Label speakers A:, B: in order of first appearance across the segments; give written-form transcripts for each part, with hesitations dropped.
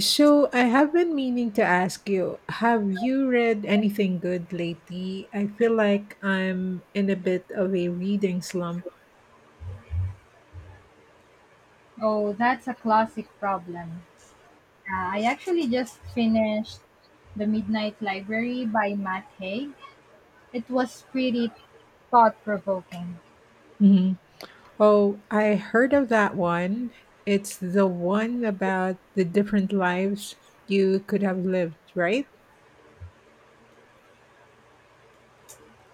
A: So, I have been meaning to ask you, have you read anything good lately? I feel like I'm in a bit of a reading slump.
B: Oh, that's a classic problem. I actually just finished The Midnight Library by Matt Haig. It was pretty thought provoking.
A: Mhm. Oh, I heard of that one. It's the one about the different lives you could have lived, right?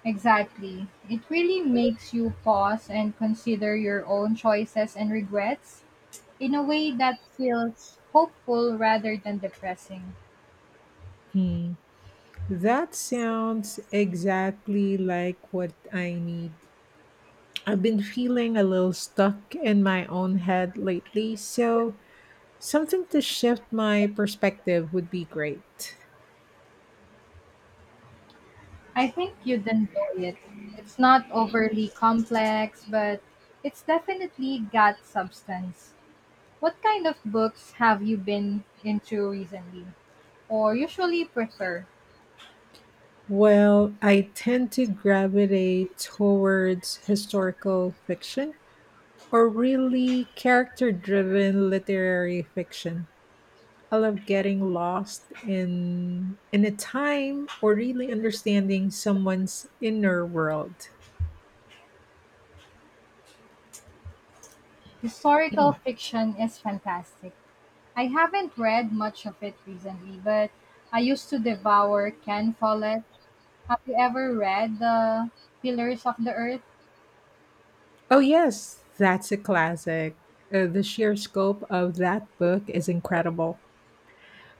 B: Exactly. It really makes you pause and consider your own choices and regrets in a way that feels hopeful rather than depressing.
A: Hmm. That sounds exactly like what I need. I've been feeling a little stuck in my own head lately, so something to shift my perspective would be great.
B: I think you'd enjoy it. It's not overly complex, but it's definitely got substance. What kind of books have you been into recently or usually prefer?
A: Well, I tend to gravitate towards historical fiction or really character driven literary fiction. I love getting lost in a time or really understanding someone's inner world.
B: Historical fiction is fantastic. I haven't read much of it recently, but I used to devour Ken Follett. Have you ever read The Pillars of the Earth?
A: Oh, yes, that's a classic. The sheer scope of that book is incredible.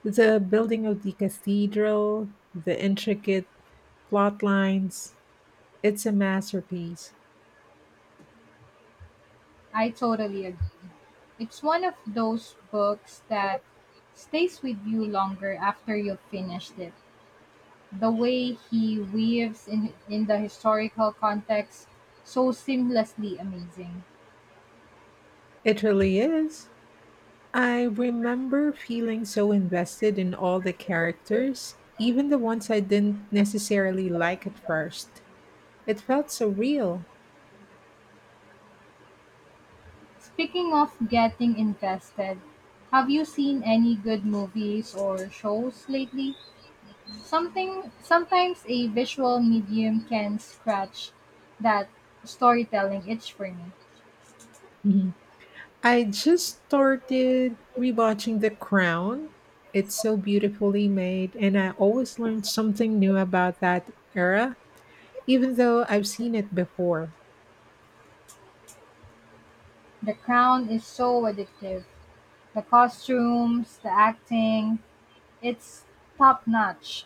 A: The building of the cathedral, the intricate plot lines, it's a masterpiece.
B: I totally agree. It's one of those books that stays with you longer after you've finished it. The way he weaves in the historical context so seamlessly amazing.
A: It really is. I remember feeling so invested in all the characters, even the ones I didn't necessarily like at first. It felt so real.
B: Speaking of getting invested, have you seen any good movies or shows lately? Something sometimes a visual medium can scratch that storytelling itch for me.
A: I just started rewatching The Crown. It's so beautifully made, and I always learn something new about that era, even though I've seen it before.
B: The Crown is so addictive. The costumes, the acting, it's top notch.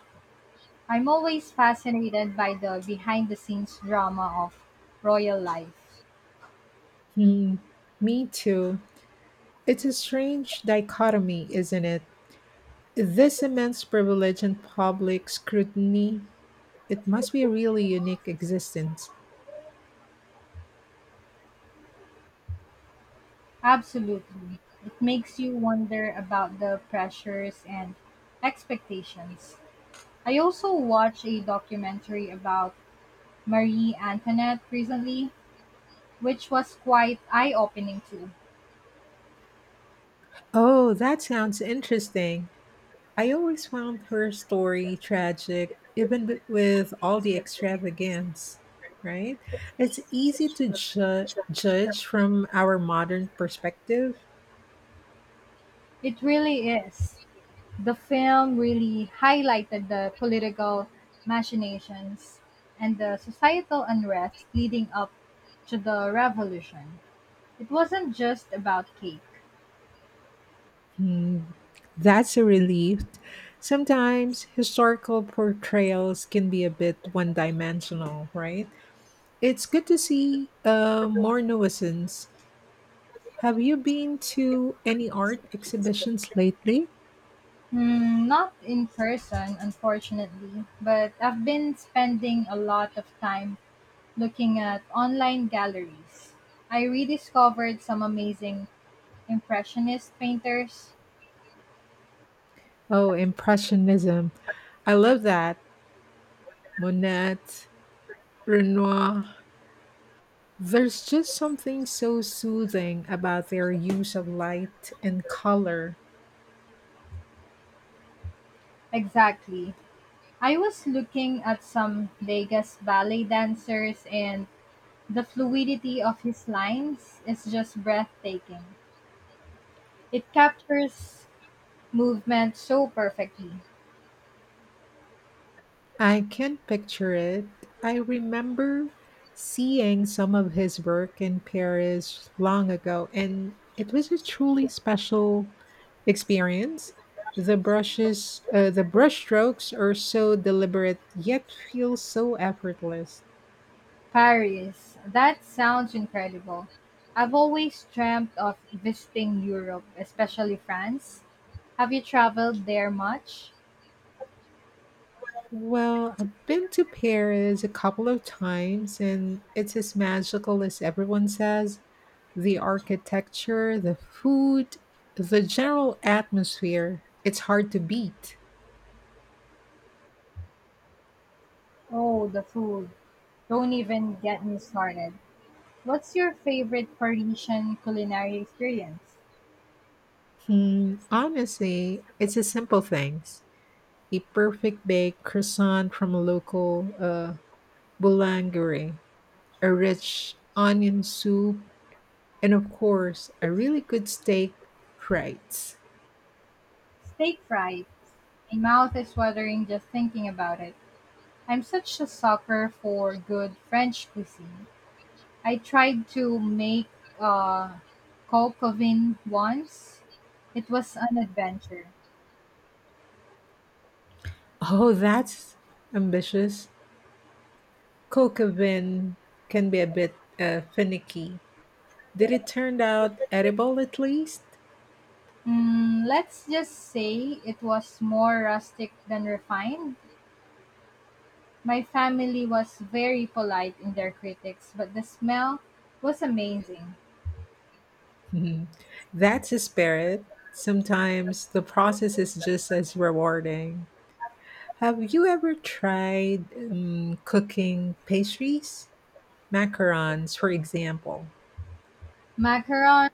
B: I'm always fascinated by the behind the scenes drama of royal life.
A: Hmm, me too. It's a strange dichotomy, isn't it? This immense privilege and public scrutiny. It must be a really unique existence.
B: Absolutely. It makes you wonder about the pressures and expectations. I also watched a documentary about Marie Antoinette recently, which was quite eye opening too.
A: Oh, that sounds interesting. I always found her story tragic, even with all the extravagance, right? It's easy to judge from our modern perspective.
B: It really is. The film really highlighted the political machinations and the societal unrest leading up to the revolution. It wasn't just about cake.
A: Hmm, that's a relief. Sometimes historical portrayals can be a bit one dimensional, right? It's good to see more nuisance. Have you been to any art exhibitions lately?
B: Hmm, not in person, unfortunately, but I've been spending a lot of time looking at online galleries. I rediscovered some amazing Impressionist painters.
A: Oh, Impressionism. I love that. Monet, Renoir. There's just something so soothing about their use of light and color.
B: Exactly. I was looking at some Vegas ballet dancers, and the fluidity of his lines is just breathtaking. It captures movement so perfectly.
A: I can picture it. I remember seeing some of his work in Paris long ago, and it was a truly special experience. The brushstrokes are so deliberate yet feel so effortless.
B: Paris. That sounds incredible. I've always dreamt of visiting Europe, especially France. Have you traveled there much?
A: Well, I've been to Paris a couple of times and it's as magical as everyone says. The architecture, the food, the general atmosphere, it's hard to beat.
B: Oh, the food. Don't even get me started. What's your favorite Parisian culinary experience?
A: Hmm, honestly, it's the simple things. A perfect baked croissant from a local boulangerie, a rich onion soup, and of course, a really good steak frites.
B: Steak fries. My mouth is watering just thinking about it. I'm such a sucker for good French cuisine. I tried to make uh, kokovin once. It was an adventure.
A: Oh, that's ambitious. Kookavin can be a bit finicky. Did it turn out edible at least?
B: Mm, let's just say it was more rustic than refined. My family was very polite in their critics, but the smell was amazing.
A: Mhm. That's a spirit. Sometimes the process is just as rewarding. Have you ever tried cooking pastries? Macarons, for example.
B: Macaron,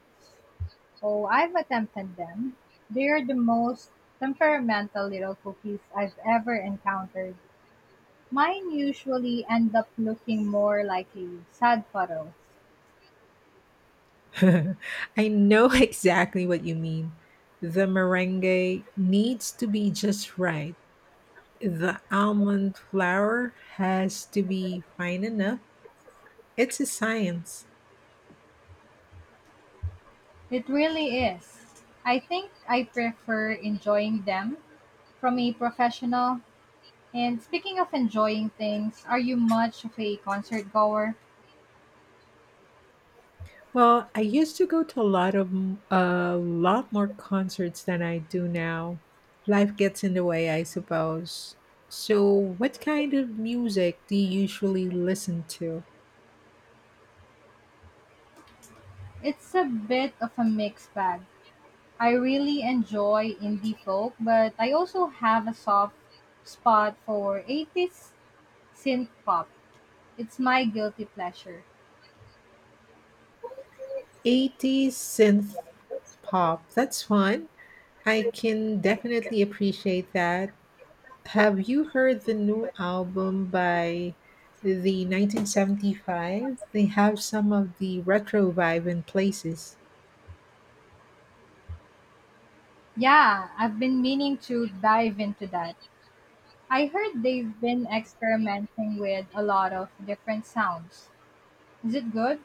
B: oh, I've attempted them. They are the most temperamental little cookies I've ever encountered. Mine usually end up looking more like a sad photo.
A: I know exactly what you mean. The meringue needs to be just right. The almond flour has to be fine enough. It's a science.
B: It really is. I think I prefer enjoying them from a professional. And speaking of enjoying things, are you much of a concert goer?
A: Well, I used to go to a lot of a lot more concerts than I do now. Life gets in the way, I suppose. So, what kind of music do you usually listen to?
B: It's a bit of a mixed bag. I really enjoy indie folk, but I also have a soft spot for 80s synth pop. It's my guilty pleasure.
A: 80s synth pop. That's fun. I can definitely appreciate that. Have you heard the new album by the 1975? They have some of the retro vibe in places.
B: Yeah, I've been meaning to dive into that. I heard they've been experimenting with a lot of different sounds. Is it good?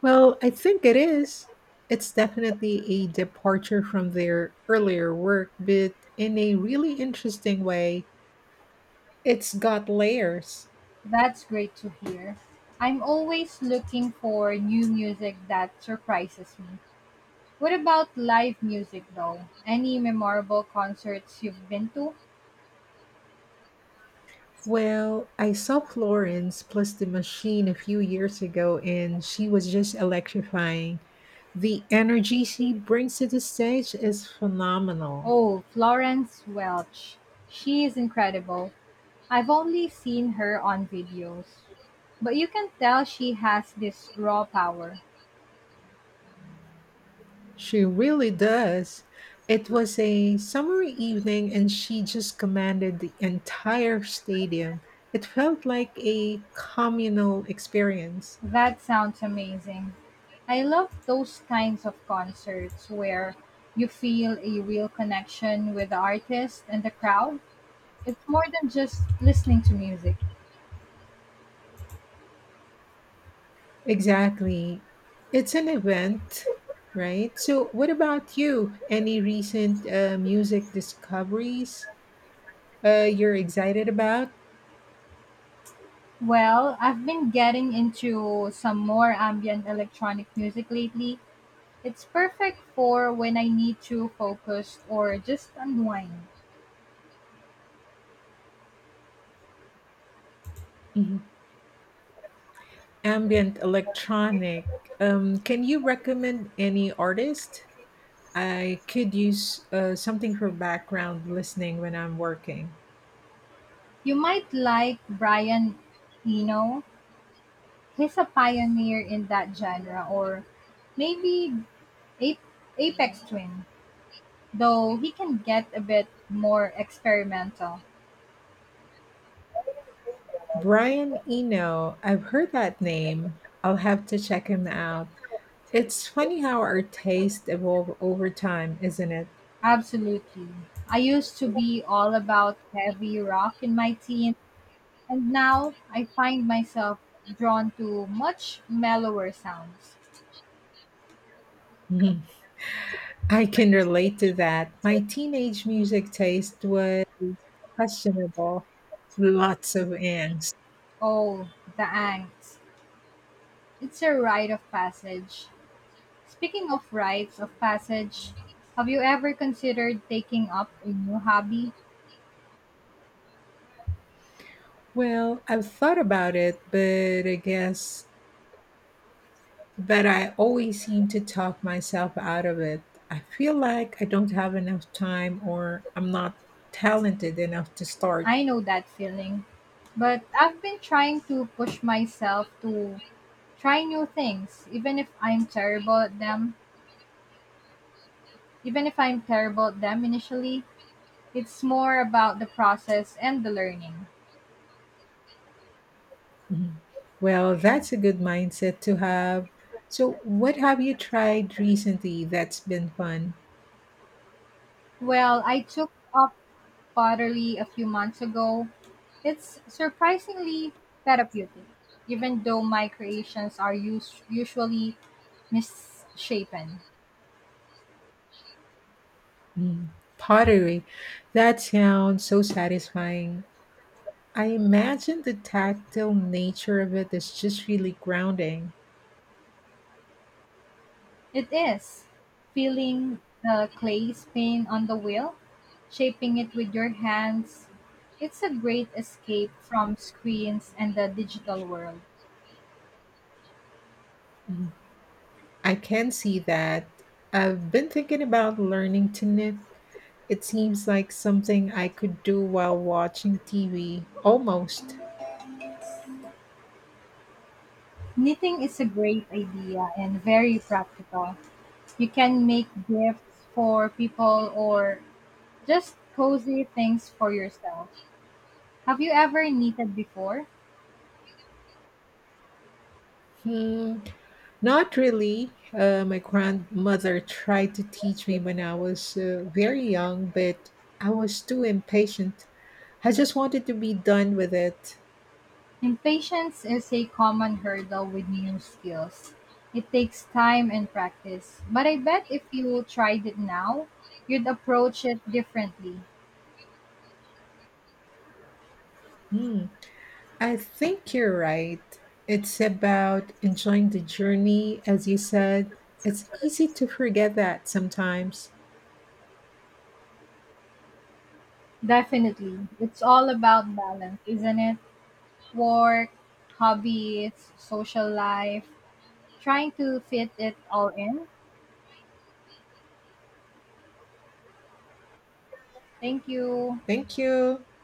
A: Well, I think it is. It's definitely a departure from their earlier work, but in a really interesting way. It's got layers.
B: That's great to hear. I'm always looking for new music that surprises me. What about live music though? Any memorable concerts you've been to?
A: Well, I saw Florence plus the machine a few years ago, and she was just electrifying. The energy she brings to the stage is phenomenal.
B: Oh, Florence Welch. She is incredible. I've only seen her on videos. But you can tell she has this raw power.
A: She really does. It was a summer evening and she just commanded the entire stadium. It felt like a communal experience.
B: That sounds amazing. I love those kinds of concerts where you feel a real connection with the artist and the crowd. It's more than just listening to music.
A: Exactly. It's an event, right? So, what about you? Any recent music discoveries you're excited about?
B: Well, I've been getting into some more ambient electronic music lately. It's perfect for when I need to focus or just unwind.
A: Mhm. Ambient electronic. Can you recommend any artist? I could use something for background listening when I'm working.
B: You might like Brian Eno. He's a pioneer in that genre, or maybe Ape, Apex Twin, though he can get a bit more experimental.
A: Brian Eno, I've heard that name. I'll have to check him out. It's funny how our tastes evolve over time, isn't it?
B: Absolutely. I used to be all about heavy rock in my teens, and now I find myself drawn to much mellower sounds.
A: Mhm. I can relate to that. My teenage music taste was questionable. Lots of angst.
B: Oh, the angst. It's a rite of passage. Speaking of rites of passage, have you ever considered taking up a new hobby?
A: Well, I've thought about it, but I guess But I always seem to talk myself out of it. I feel like I don't have enough time or I'm not talented enough to start.
B: I know that feeling, but I've been trying to push myself to try new things, even if I'm terrible at them. Even if I'm terrible at them initially, it's more about the process and the learning.
A: Mhm. Well, that's a good mindset to have. So, what have you tried recently that's been fun?
B: Well, I took up pottery a few months ago. It's surprisingly therapeutic, even though my creations are usually misshapen.
A: Mm, pottery. That sounds so satisfying. I imagine the tactile nature of it is just really grounding.
B: It is, feeling the clay spin on the wheel, shaping it with your hands. It's a great escape from screens and the digital world.
A: Mm, I can see that. I've been thinking about learning to knit. It seems like something I could do while watching TV. Almost.
B: Knitting is a great idea and very practical. You can make gifts for people or just cozy things for yourself. Have you ever knitted before?
A: Hmm, not really. My grandmother tried to teach me when I was very young, but I was too impatient. I just wanted to be done with it.
B: Impatience is a common hurdle with new skills. It takes time and practice, but I bet if you tried it now, you'd approach it differently.
A: Hmm, I think you're right. It's about enjoying the journey, as you said. It's easy to forget that sometimes.
B: Definitely. It's all about balance, isn't it? Work, hobbies, social life, trying to fit it all in. Thank you.
A: Thank you.